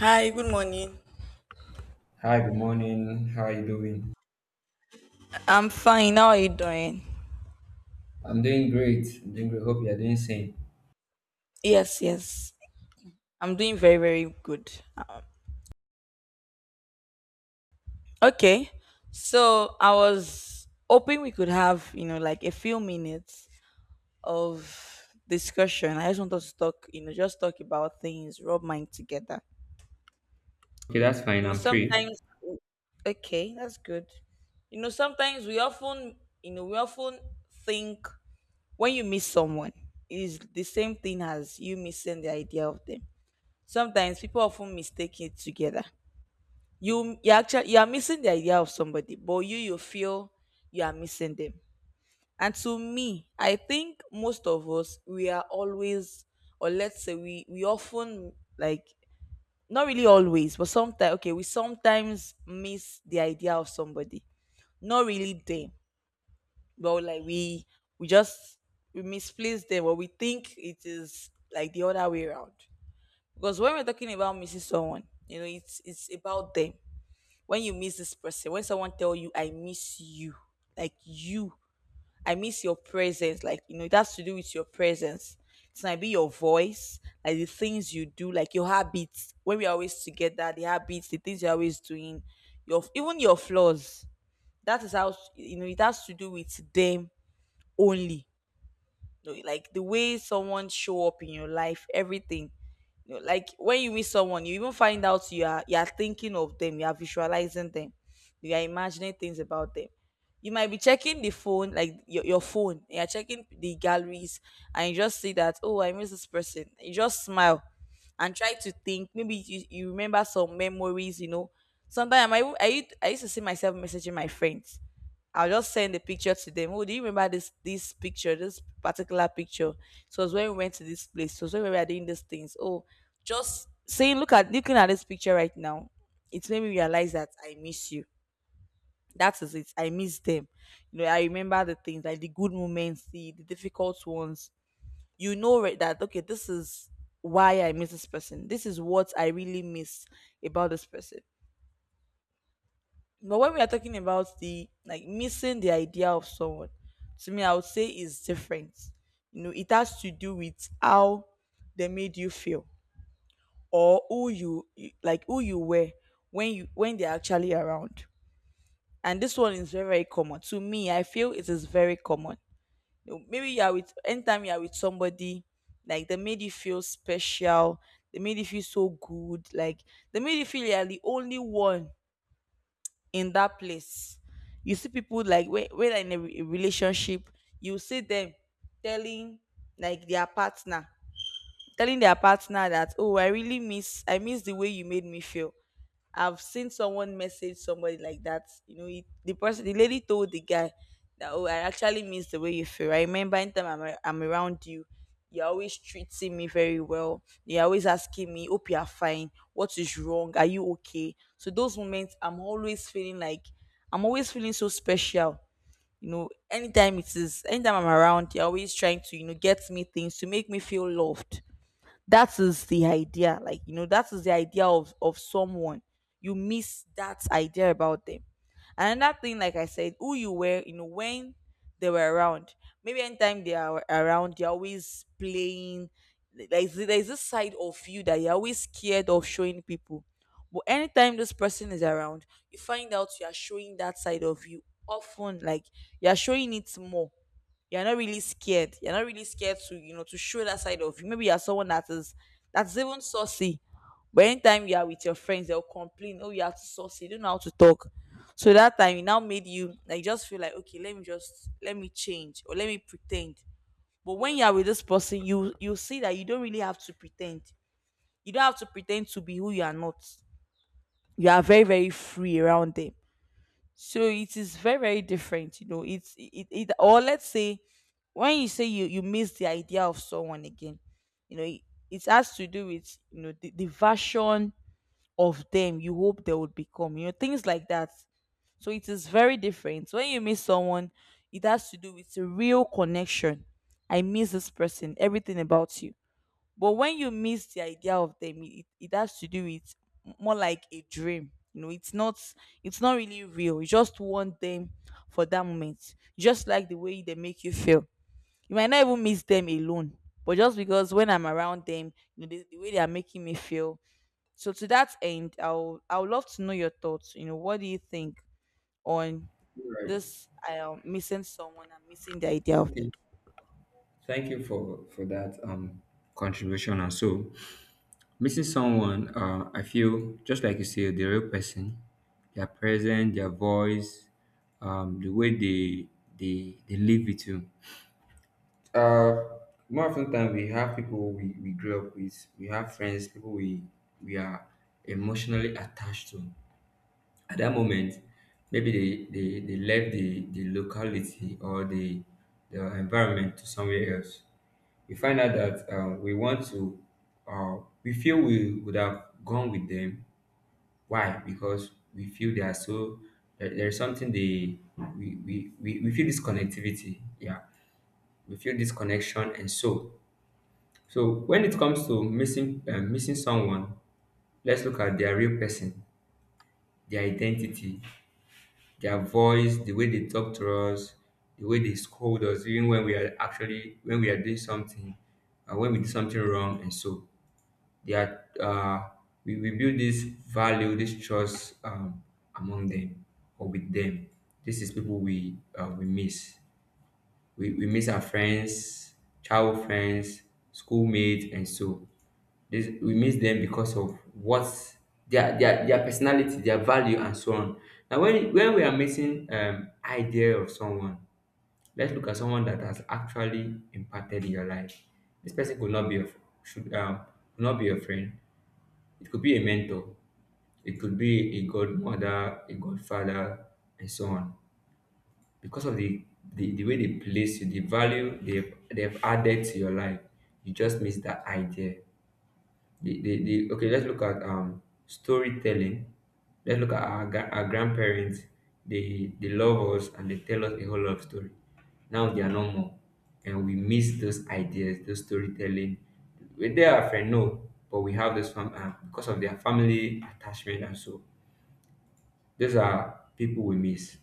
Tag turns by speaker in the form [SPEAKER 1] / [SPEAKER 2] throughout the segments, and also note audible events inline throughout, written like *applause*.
[SPEAKER 1] Hi, good morning.
[SPEAKER 2] Hi, good morning. How are you doing?
[SPEAKER 1] I'm fine. How are you doing?
[SPEAKER 2] I'm doing great. I'm doing great. Hope you are doing same.
[SPEAKER 1] Yes, yes. I'm doing very, very good. Okay. So I was hoping we could have, you know, like a few minutes of discussion. I just want us to talk, you know, just talk about things, rub mind together.
[SPEAKER 2] Okay, that's fine.
[SPEAKER 1] You know,
[SPEAKER 2] I'm free.
[SPEAKER 1] sometimes, okay, that's good. You know, sometimes we often think when you miss someone is the same thing as you missing the idea of them, sometimes people often mistake it together. You actually you are missing the idea of somebody, but you feel you are missing them. And to me, I think most of us we are always, or let's say we often like not really always, but sometimes okay, we sometimes miss the idea of somebody. Not really them, but like we just we misplace them, or we think it is like the other way around. Because when we're talking about missing someone, you know, it's about them. When you miss this person, when someone tell you, "I miss you," like you, I miss your presence. Like you know, it has to do with your presence. It might be your voice, like the things you do, like your habits. When we're always together, the habits, the things you're always doing, your even your flaws. That is how you know it has to do with them only no, like the way someone show up in your life, everything. You know, like when you meet someone, you even find out you are thinking of them, you are visualizing them, you are imagining things about them. You might be checking the phone, like your phone, you're checking the galleries, and you just see that, oh, I miss this person. You just smile and try to think. Maybe you remember some memories, you know. Sometimes I used to see myself messaging my friends. I'll just send the picture to them. Oh, do you remember this picture, this particular picture? So it was when we went to this place. So it was when we were doing these things. Oh, just saying, look at looking at this picture right now, it made me realize that I miss you. That is it. I miss them. You know, I remember the things, like the good moments, the difficult ones. You know right that okay, this is why I miss this person. This is what I really miss about this person. But when we are talking about the like missing the idea of someone, to me, I would say it's different. You know, it has to do with how they made you feel, or who you like who you were when you when they're actually around. And this one is very, very common. To me, I feel it is very common. You know, maybe you are with anytime you are with somebody, like they made you feel special, they made you feel so good, like they made you feel you are the only one in that place. You see people like when they're in a relationship, you see them telling like their partner, telling their partner that, oh, I miss the way you made me feel. I've seen someone message somebody like that. You know, it, the person, the lady told the guy that, oh, I actually miss the way you feel. I remember anytime I'm around you, you're always treating me very well. You're always asking me, 'Hope you are fine. What is wrong? Are you okay? So those moments, I'm always feeling like, I'm always feeling so special. You know, anytime I'm around, you're always trying to, you know, get me things to make me feel loved. That is the idea, like you know, that is the idea of someone. You miss that idea about them. And another thing, like I said, who you were, you know, when they were around. Maybe anytime they are around, they're always playing. There's this side of you that you're always scared of showing people, but anytime this person is around, you find out you are showing that side of you often, like you're showing it more. You're not really scared. You're not really scared to, you know, to show that side of you. Maybe you're someone that is that's even saucy. But anytime you are with your friends, they'll complain, oh, you are too saucy, you don't know how to talk. So that time it now made you like just feel like, okay, let me change or let me pretend. But when you are with this person, you see that you don't really have to pretend. You don't have to pretend to be who you are not. You are very, very free around them. So it is very, very different. You know, it's it, it or let's say when you say you miss the idea of someone again, you know, it has to do with, you know, the version of them you hope they would become, you know, things like that. So it is very different. So, when you miss someone, it has to do with a real connection. I miss this person, everything about you. But when you miss the idea of them, it has to do with more like a dream. You know, it's not, it's not really real. You just want them for that moment. Just like the way they make you feel. You might not even miss them alone. But just because when I'm around them, you know, the way they are making me feel. So to that end, I would love to know your thoughts. You know, what do you think on
[SPEAKER 2] Right.
[SPEAKER 1] this? I am missing someone, I'm missing the idea of them.
[SPEAKER 2] Okay. Thank you for for that contribution. And so, missing someone, I feel just like you say, the real person, their presence, their voice, the way they live it too. Uh, More often than we have people we grew up with. We have friends, people we are emotionally attached to. At that moment maybe they left the locality or the environment to somewhere else. We find out that we want to uh, we feel we would have gone with them. Why? Because we feel they are so, there is something they, we feel this connectivity, yeah, we feel this connection. And so when it comes to missing missing someone, let's look at their real person, their identity. Their voice, the way they talk to us, the way they scold us, even when we are actually when we are doing something, and when we do something wrong, and so they are. We build this value, this trust among them or with them. This is people we miss. We miss our friends, childhood friends, schoolmates, and so this, we miss them because of what their, their personality, their value, and so on. Now, when we are missing idea of someone, let's look at someone that has actually impacted your life. This person could not be a should could not be a friend. It could be a mentor. It could be a godmother, a godfather, and so on, because of the, the way they place you, the value they've added to your life. You just miss that idea. The, the okay, let's look at storytelling. Let's look at our, our grandparents. They love us and they tell us a whole lot of story. Now they are no more, and we miss those ideas, those storytelling. We they are friend no, but we have this because of their family attachment and so. Those are people we miss,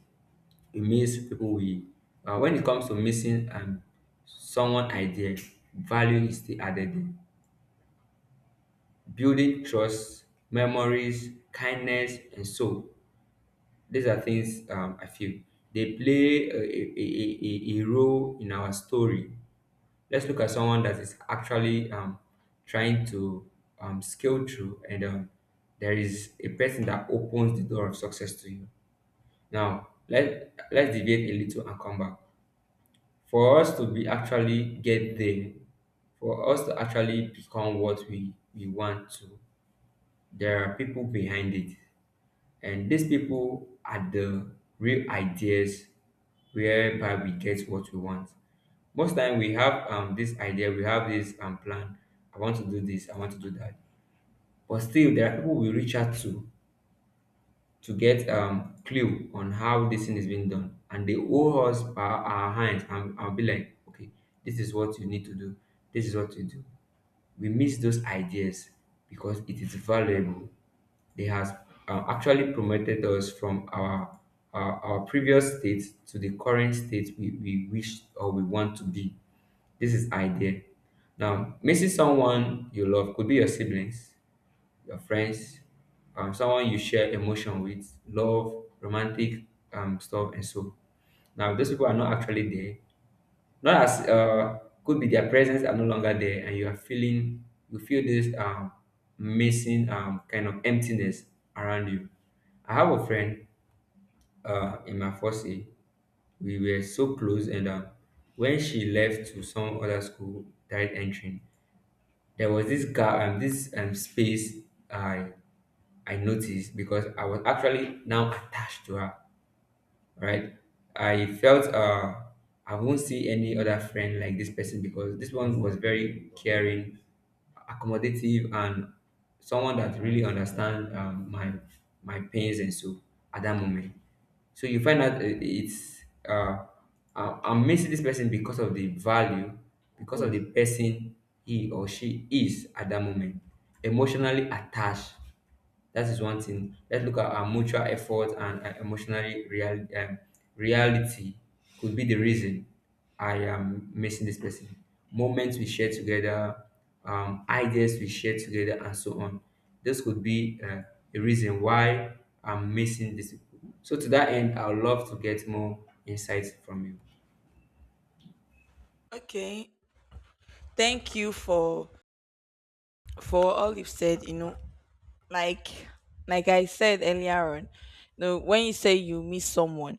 [SPEAKER 2] it miss people we, when it comes to missing someone idea, value is still added in. Building trust, memories, kindness, and so these are things I feel they play a role in our story. Let's look at someone that is actually trying to scale through, and there is a person that opens the door of success to you. Now let's deviate a little and come back. For us to be actually get there, for us to actually become what we want to, there are people behind it, and these people are the real ideas whereby we get what we want. Most time we have this idea, we have this plan. I want to do this, I want to do that, but still there are people we reach out to get clue on how this thing is being done, and they hold us by our hands and I'll be like, okay, this is what you need to do, this is what you do. We miss those ideas because it is valuable. They has actually promoted us from our, our previous state to the current state we wish or we want to be. This is idea. Now missing someone you love could be your siblings, your friends, someone you share emotion with, love, romantic stuff, and so. Now, those people are not actually there. Not as could be their presence are no longer there, and you are feeling you feel this missing kind of emptiness around you. I have a friend in my first year. We were so close, and when she left to some other school, direct entering, there was this guy this space I I noticed because I was actually now attached to her, right? I felt I won't see any other friend like this person because this one was very caring, accommodative, and someone that really understand my my pains and so at that moment. So you find out it's I'm missing this person because of the value, because of the person he or she is at that moment, emotionally attached. That is one thing. Let's look at our mutual effort and emotional real, reality could be the reason I am missing this person. Moments we share together, ideas we share together, and so on. This could be a reason why I'm missing this. So to that end, I would love to get more insights from you.
[SPEAKER 1] Okay. Thank you for all you've said. You know, like like I said earlier on, you know, when you say you miss someone,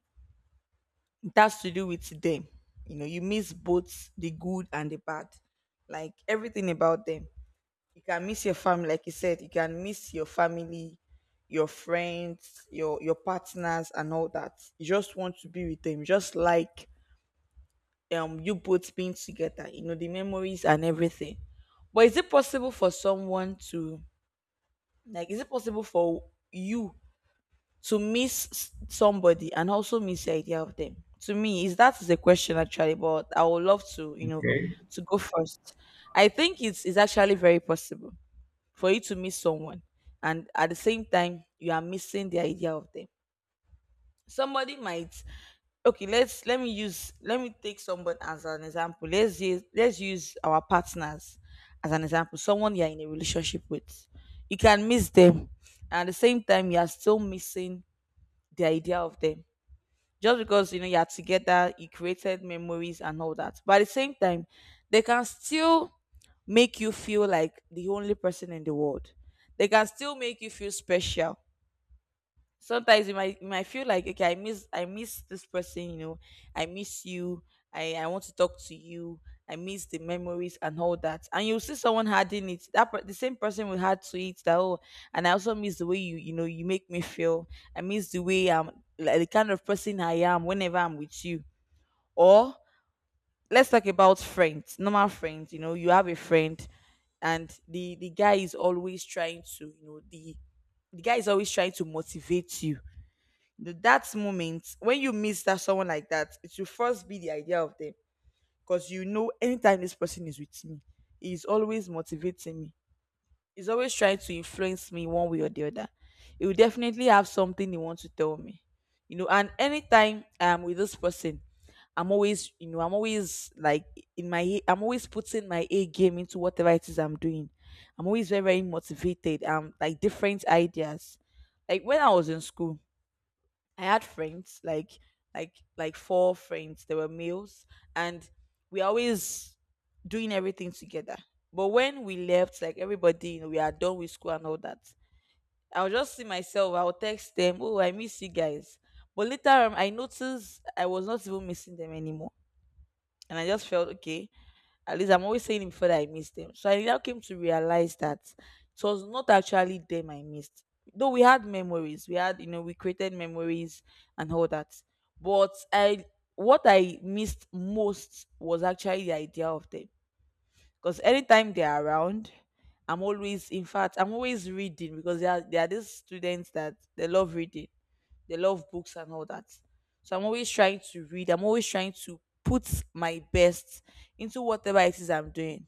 [SPEAKER 1] it has to do with them. You know, you miss both the good and the bad, like everything about them. You can miss your family, like you said, you can miss your family, your friends, your partners, and all that. You just want to be with them, just like you both being together. You know, the memories and everything. But is it possible for someone to like? Is it possible for you to miss somebody and also miss the idea of them? To me, is that, is a question actually, but I would love to, you know,
[SPEAKER 2] Okay.
[SPEAKER 1] to go first. I think it's actually very possible for you to miss someone, and at the same time you are missing the idea of them. Somebody might, okay, let me use, let me take someone as an example. Let's use our partners as an example, someone you're in a relationship with. You can miss them, and at the same time you are still missing the idea of them, just because, you know, you're together, you created memories and all that. But at the same time, they can still make you feel like the only person in the world. They can still make you feel special. Sometimes you might feel like, okay, I miss this person, you know. I miss you. I want to talk to you. I miss the memories and all that. And you see someone adding it that the same person will add to it that, oh, and I also miss the way you, you know, you make me feel. I miss the way I'm, like the kind of person I am whenever I'm with you. Or let's talk about friends, normal friends. You know, you have a friend, and the guy is always trying to, you know, the guy is always trying to motivate you. That moment when you miss that someone like that, it should first be the idea of them. Because you know, anytime this person is with me, he's always motivating me. He's always trying to influence me one way or the other. He will definitely have something he wants to tell me, you know. And anytime I'm with this person, I'm always, you know, I'm always like, in my I'm always putting my A game into whatever it is I'm doing. I'm always very, very motivated, um, like different ideas. Like when I was in school, I had friends, like like four friends. They were males, and we always doing everything together. But when we left, like everybody, you know, we are done with school and all that. I'll just see myself. I'll text them, "Oh, I miss you guys." But later on, I noticed I was not even missing them anymore, and I just felt okay. At least I'm always saying it before that I missed them. So I now came to realize that it was not actually them I missed. Though we had memories, we had, we created memories and all that. But I What I missed most was actually the idea of them. Because anytime they're around, I'm always in fact I'm always reading because there are these students that they love reading. They love books and all that. So I'm always trying to read. I'm always trying to put my best into whatever it is I'm doing.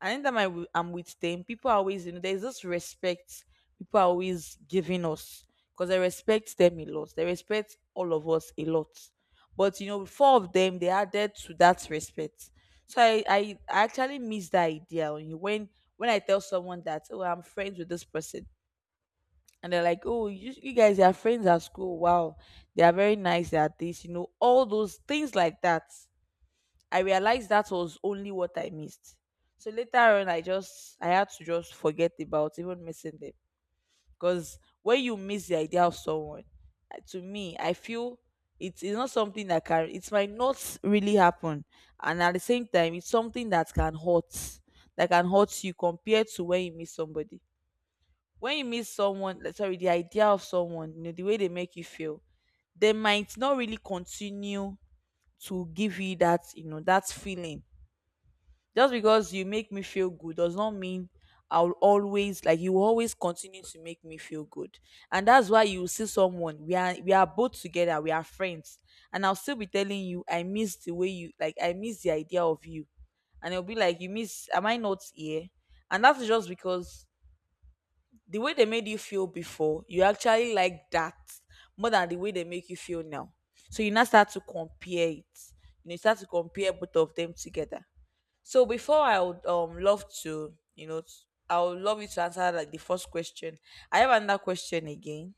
[SPEAKER 1] And anytime I'm with them, people are always, there's this respect people are always giving us because they respect them a lot. They respect all of us a lot. But, you know, four of them, they added to that respect. So I actually miss that idea when you- when I tell someone that, oh, I'm friends with this person, and they're like, "Oh, you guys are friends at school. Wow, they are very nice at this. You know, all those things like that." I realized that was only what I missed. So later on, I had to just forget about even missing them because when you miss the idea of someone, to me, I feel it is not something that can. It might not really happen, and at the same time, it's something that can hurt you compared to when you miss somebody, when you meet someone, like, sorry, the idea of someone, you know, the way they make you feel, they might not really continue to give you that, you know, that feeling. Just because you make me feel good does not mean I'll always like, you will always continue to make me feel good. And that's why you see someone, we are both together, we are friends, and I'll still be telling you I miss the way you, like I miss the idea of you, and it'll be like, you miss, am I not here? And that's just because the way they made you feel before, you actually like that more than the way they make you feel now. So you now start to compare it. You know, you start to compare both of them together. So before I would love to, you know, I would love you to answer, like, the first question. I have another question again.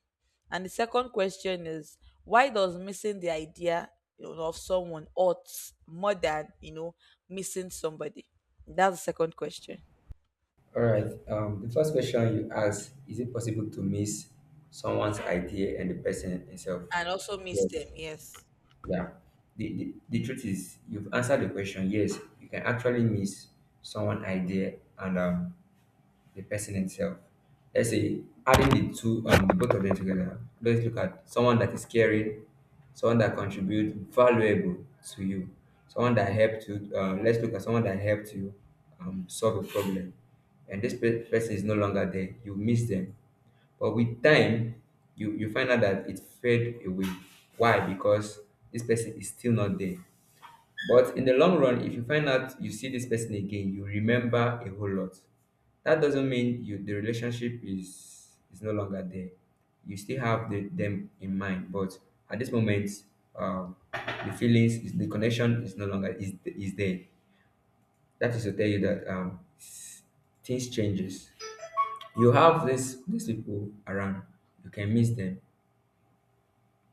[SPEAKER 1] And the second question is, why does missing the idea, you know, of someone ought more than, you know, missing somebody? That's the second question.
[SPEAKER 2] All right. The first question you asked: is it possible to miss someone's idea and the person himself?
[SPEAKER 1] And also miss them,
[SPEAKER 2] Yes.
[SPEAKER 1] yes.
[SPEAKER 2] Yeah. The, the truth is, you've answered the question. Yes, you can actually miss someone idea and the person himself. Let's say adding the two, the both of them together. Let's look at someone that is caring, someone that contributes valuable to you, someone that helped you. Let's look at someone that helped you solve a problem, and this person is no longer there. You miss them, but with time, you find out that it fade away. Why? Because this person is still not there. But in the long run, if you find out you see this person again, you remember a whole lot. That doesn't mean you the relationship is no longer there. You still have the, them in mind, but at this moment, the feelings, is, the connection is no longer is there. That is to tell you that things changes. You have this these people around. You can miss them.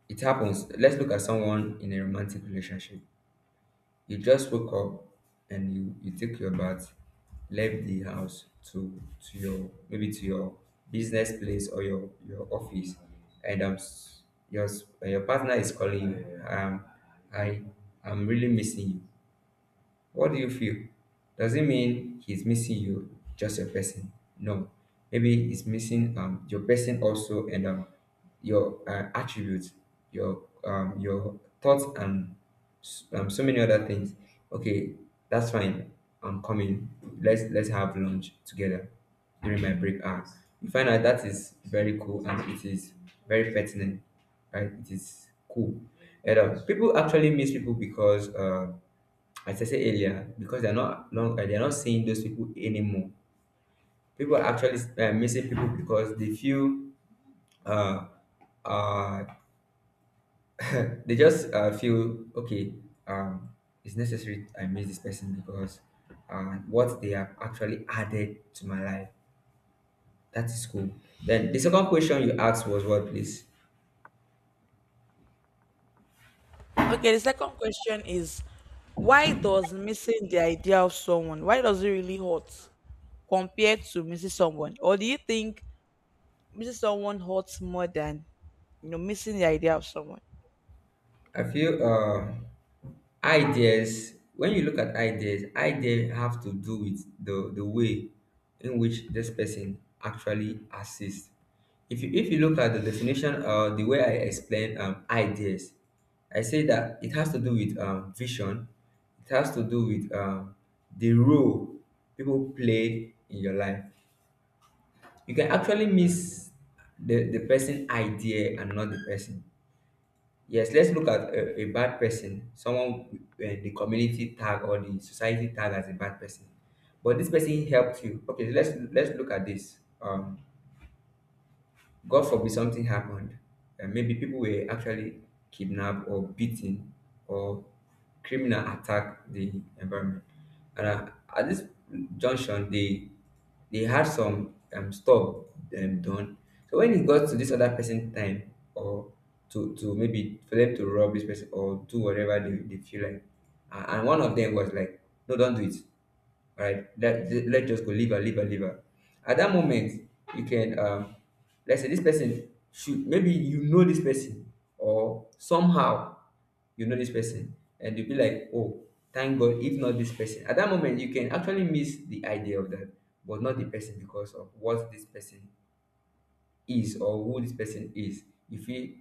[SPEAKER 2] It happens. Let's look at someone in a romantic relationship. You just woke up and you take your bath, left the house to to your maybe to your business place or your office, and your your partner is calling you. I I'm really missing you. What do you feel? Does it mean he's missing you, just your person? No. Maybe he's missing your person also and your attributes, your thoughts and so many other things. Okay, that's fine. I'm coming. Let's have lunch together during my break hour. You find out that is very cool and it is very pertinent, right? It is cool. And people actually miss people because as I said earlier, because they're not long, they're not seeing those people anymore. People are actually missing people because they feel uh, uh, they just feel okay. Um, it's necessary I miss this person because what they have actually added to my life. That is cool. Then the second question you asked was what, please?
[SPEAKER 1] Okay, the second question is, why does missing the idea of someone, why does it really hurt compared to missing someone? Or do you think missing someone hurts more than, you know, missing the idea of someone?
[SPEAKER 2] I feel. Ideas, when you look at ideas, ideas have to do with the way in which this person actually assists. If you if you look at the definition or the way I explain ideas, I say that it has to do with vision. It has to do with the role people play in your life. You can actually miss the person idea and not the person. Yes, let's look at a bad person, someone the community tag or the society tag as a bad person. But this person helped you. Okay, let's look at this. God forbid something happened. Maybe people were actually kidnapped or beaten or criminal attacked the environment. And at this junction, they had some stuff done. So when it got to this other person's time or to maybe for them to rob this person or do whatever they feel like, and one of them was like, no, don't do it. All right, let's just go liver, liver, liver. At that moment, you can, let's say this person should, maybe you know this person or somehow you know this person and you'll be like, oh, thank God, if not this person. At that moment, you can actually miss the idea of that, but not the person because of what this person is or who this person is if you,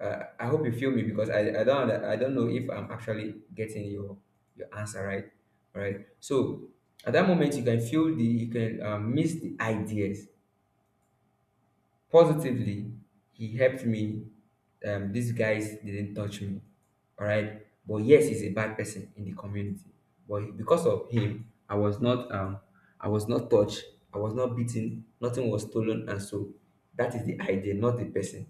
[SPEAKER 2] I hope you feel me because I don't I don't know if I'm actually getting your answer right. All right, so at that moment you can feel the, you can, miss the ideas positively. He helped me. These guys didn't touch me. All right, but yes, he's a bad person in the community, but because of him I was not, I was not touched, I was not beaten, nothing was stolen, and so that is the idea, not the person.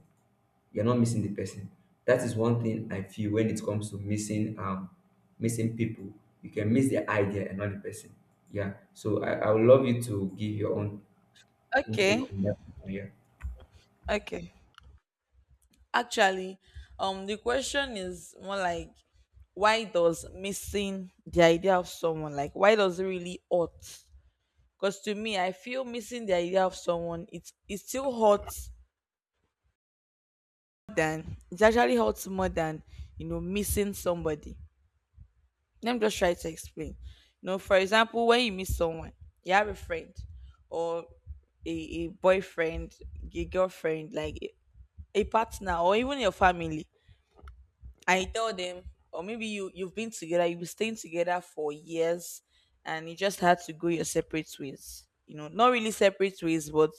[SPEAKER 2] You're not missing the person. That is one thing I feel when it comes to missing, missing people. You can miss the idea and not the person. Yeah. So I would love you to give your own intake
[SPEAKER 1] Okay.
[SPEAKER 2] on that. Yeah.
[SPEAKER 1] Okay. Actually, the question is more like, why does missing the idea of someone, like why does it really hurt? Because to me, I feel missing the idea of someone, it still hurts than it actually hurts more than, you know, missing somebody. Let me just try to explain. You know, for example, when you miss someone, you have a friend or a boyfriend, a girlfriend, like a partner, or even your family, and you tell them, or maybe you've been together, you've been staying together for years, and you just had to go your separate ways. You know, not really separate ways, but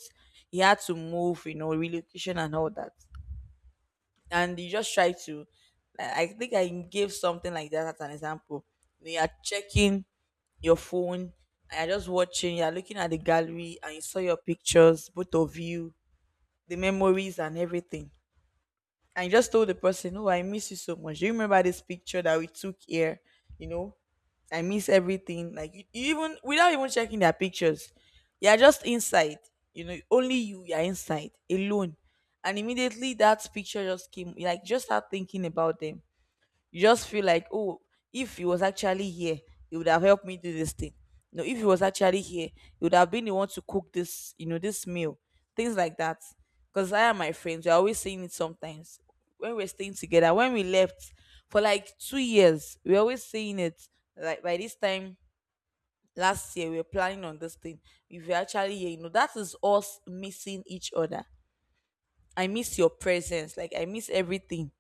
[SPEAKER 1] you had to move. You know, relocation and all that, and you just try to, I think I gave something like that as an example. You are checking your phone, and you're just watching you're looking at the gallery, and you saw your pictures, both of you, the memories and everything, and just told the person, "Oh, I miss you so much. Do you remember this picture that we took here? You know, I miss everything." Like you even without even checking their pictures, you're just inside. You know, only you. You're inside alone, and immediately that picture just came. Like, just start thinking about them. You just feel like, oh, if he was actually here, he would have helped me do this thing. No, if he was actually here, he would have been the one to cook this, you know, this meal, things like that. Because I and my friends, we're always saying it sometimes, when we're staying together, when we left for like 2 years, we're always saying it, like by this time last year, we were planning on this thing. If you're actually here, you know, that is us missing each other. I miss your presence, like I miss everything.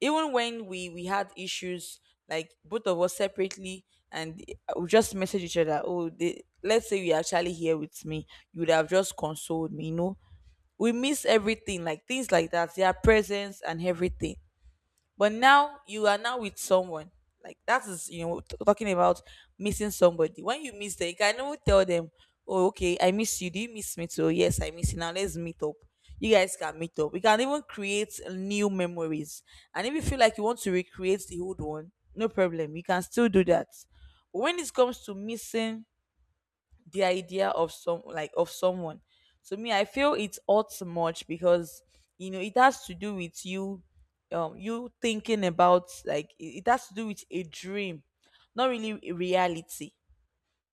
[SPEAKER 1] Even when we had issues, like both of us separately, and we just message each other, oh, they, let's say you're actually here with me, you would have just consoled me. You know, we miss everything, like things like that, their presence and everything. But now you are now with someone. Like that is, you know, talking about missing somebody. When you miss them, you can even tell them, oh, okay, I miss you. Do you miss me too? Yes, I miss you. Now let's meet up. You guys can meet up. We can even create new memories. And if you feel like you want to recreate the old one, no problem. You can still do that. But when it comes to missing the idea of some, like of someone, to me I feel it's all too much, because you know, it has to do with you, you thinking about, like, it has to do with a dream, not really a reality.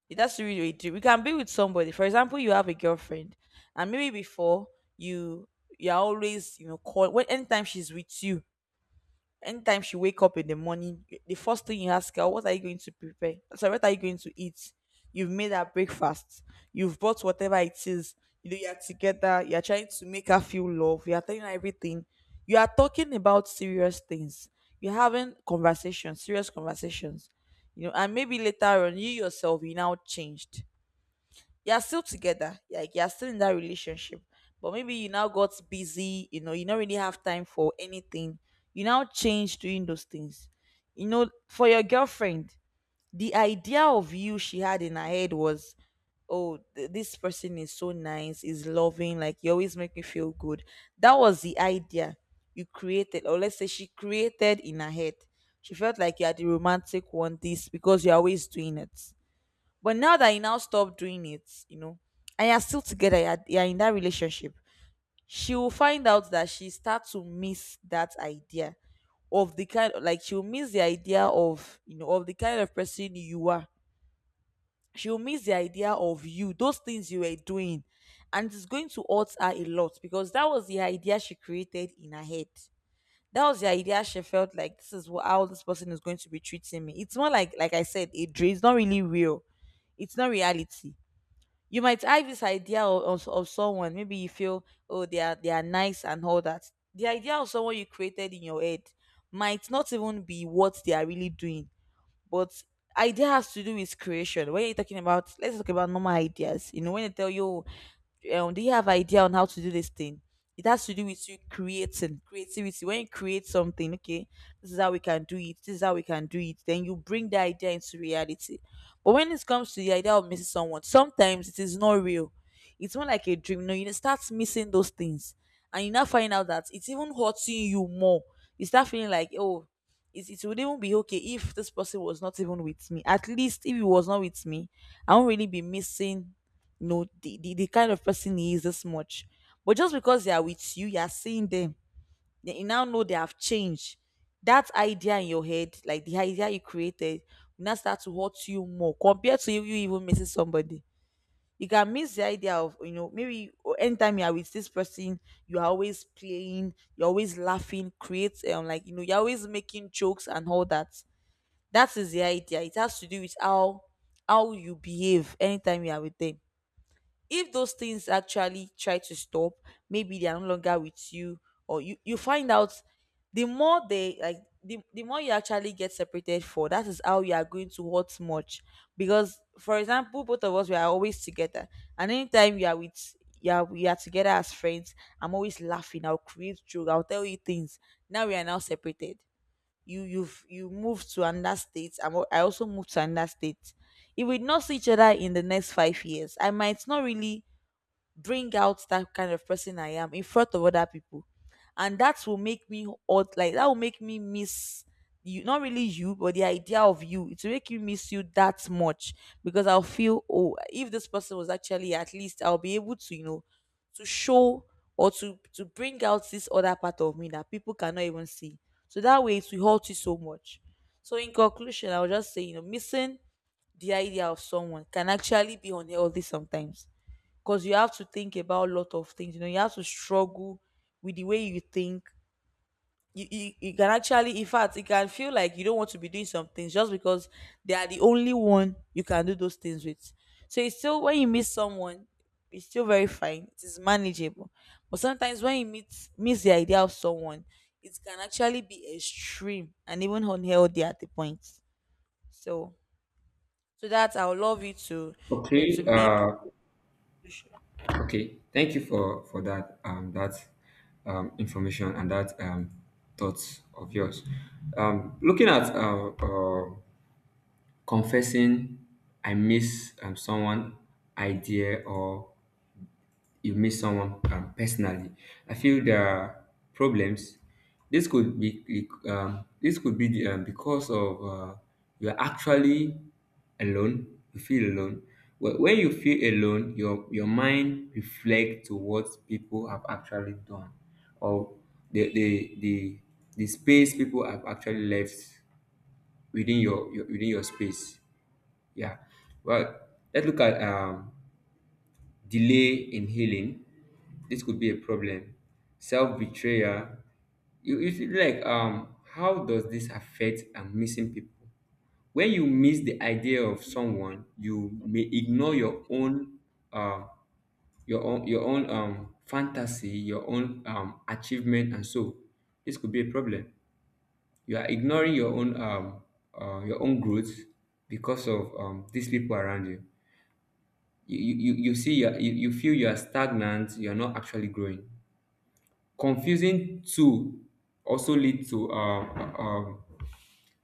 [SPEAKER 1] It has to do with a dream. You can be with somebody. For example, you have a girlfriend, and maybe before, you you're always, you know, call when anytime she's with you, anytime she wake up in the morning, the first thing you ask her, what are you going to prepare? So what are you going to eat? You've made her breakfast. You've bought whatever it is. You know, you're together. You're trying to make her feel love. You're telling her everything. You are talking about serious things. You're having conversations, serious conversations. You know, and maybe later on, you yourself, you now changed. You're still together, like you're still in that relationship, but maybe you now got busy, you know, you don't really have time for anything. You now change doing those things, you know, for your girlfriend. The idea of you she had in her head was, oh, this person is so nice, is loving, like you always make me feel good. That was the idea you created, or let's say she created in her head. She felt like you are the romantic one, this because you're always doing it. But now that you now stop doing it, you know, and you're still together, you're in that relationship, she will find out that she starts to miss that idea of the kind, like she'll miss the idea of, you know, of the kind of person you are. She'll miss the idea of you, those things you were doing. And it's going to hurt her a lot because that was the idea she created in her head. That was the idea she felt like, this is what, how this person is going to be treating me. It's more like I said, a dream. It's not really real, it's not reality. You might have this idea of, of someone, maybe you feel, oh, they are nice and all that. The idea of someone you created in your head might not even be what they are really doing. But idea has to do with creation. When you're talking about, let's talk about normal ideas, you know, when they tell you, oh, do you have idea on how to do this thing? It has to do with you creating creativity. When you create something, okay, this is how we can do it. This is how we can do it. Then you bring the idea into reality. But when it comes to the idea of missing someone, sometimes it is not real. It's more like a dream. No, you start missing those things, and you now find out that it's even hurting you more. You start feeling like, oh, it would even be okay if this person was not even with me. At least if he was not with me, I won't really be missing, no, the kind of person he is this much. But just because they are with you, you are seeing them, then you now know they have changed. That idea in your head, like the idea you created, will now start to hurt you more compared to you even missing somebody. You can miss the idea of, you know, maybe or anytime you are with this person, you are always playing, you're always laughing, create like, you know, you're always making jokes and all that. That is the idea. It has to do with how you behave anytime you are with them. If those things actually try to stop, maybe they are no longer with you, or you find out the more they like, the more you actually get separated, for that is how you are going to hurt much. Because for example, both of us, we are always together, and anytime you are with, yeah, we are together as friends, I'm always laughing, I'll create joke, I'll tell you things. Now we are now separated. You moved to another state, I also moved to another state. If we not see each other in the next 5 years, I might not really bring out that kind of person I am in front of other people. And that will make me odd, like that will make me miss you, not really you, but the idea of you. It will make you miss you that much, because I'll feel, oh, if this person was actually, at least I'll be able to, you know, to show or to bring out this other part of me that people cannot even see. So that way it will hurt you so much. So in conclusion, I'll just say, you know, missing the idea of someone can actually be unhealthy sometimes, because you have to think about a lot of things. You know, you have to struggle with the way you think. You can actually, in fact, it can feel like you don't want to be doing some things just because they are the only one you can do those things with. So it's still, when you meet someone, it's still very fine, it is manageable. But sometimes when you meet miss the idea of someone, it can actually be extreme and even unhealthy at the point. So so that I would love you to, you know, to
[SPEAKER 2] Okay.
[SPEAKER 1] make.
[SPEAKER 2] Okay. Thank you for that, that, information, and that thoughts of yours. Looking at confessing, I miss someone idea, or you meet someone, personally. I feel there are problems. This could be the, because of you're actually alone. You feel alone. When you feel alone, your mind reflects to what people have actually done, or the the, the space people have actually left within your, within your space. Yeah. Well, let's look at delay in healing. This could be a problem. Self betrayal. You feel like, um, how does this affect and missing people? When you miss the idea of someone, you may ignore your own uh, your own, um, fantasy, your own, um, achievement, and so this could be a problem. You are ignoring your own, um, your own growth, because of, um, these people around you. You see, you're, you feel you are stagnant, you're not actually growing. Confusing too, also lead to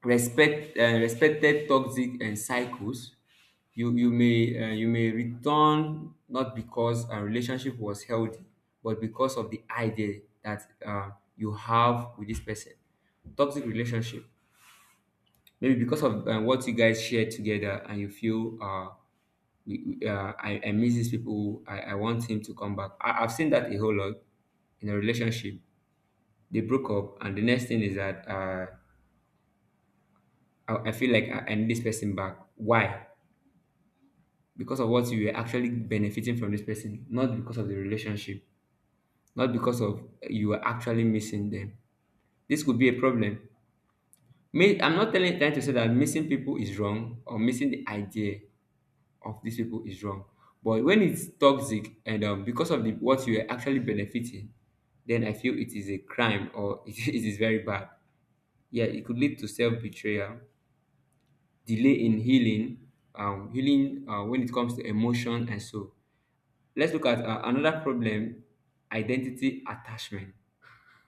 [SPEAKER 2] respect, respected toxic and cycles. You may you may return, not because a relationship was healthy, but because of the idea that, you have with this person. Toxic relationship, maybe because of, what you guys share together, and you feel, we, I miss these people. I want him to come back. I've seen that a whole lot in a relationship. They broke up, and the next thing is that, I feel like, I need this person back. Why? Because of what you were actually benefiting from this person, not because of the relationship, not because of you are actually missing them. This could be a problem. Me, I'm not telling, trying to say that missing people is wrong, or missing the idea of these people is wrong. But when it's toxic, and, because of the what you are actually benefiting, then I feel it is a crime, or *laughs* it is very bad. Yeah, it could lead to self betrayal, delay in healing, healing, when it comes to emotion, and so. Let's look at, another problem: identity attachment.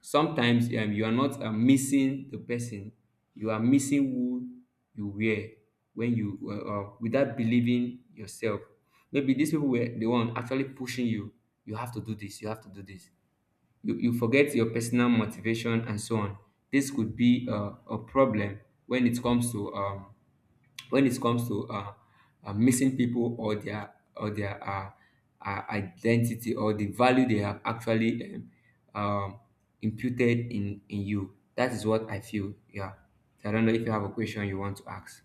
[SPEAKER 2] Sometimes, you are not, missing the person, you are missing who you were when you, without believing yourself. Maybe these people were the one actually pushing you. You have to do this. You have to do this. You forget your personal motivation and so on. This could be, a problem when it comes to, when it comes to, missing people, or their, identity, or the value they have actually, um, imputed in you. That is what I feel. Yeah. So I don't know if you have a question you want to ask.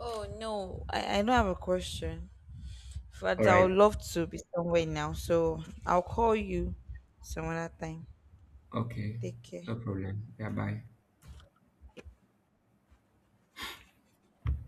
[SPEAKER 1] Oh no, I don't have a question,
[SPEAKER 2] All
[SPEAKER 1] but I would
[SPEAKER 2] right.
[SPEAKER 1] love to be somewhere now. So I'll call you some other time.
[SPEAKER 2] Okay.
[SPEAKER 1] Take care.
[SPEAKER 2] No problem. Yeah. Bye.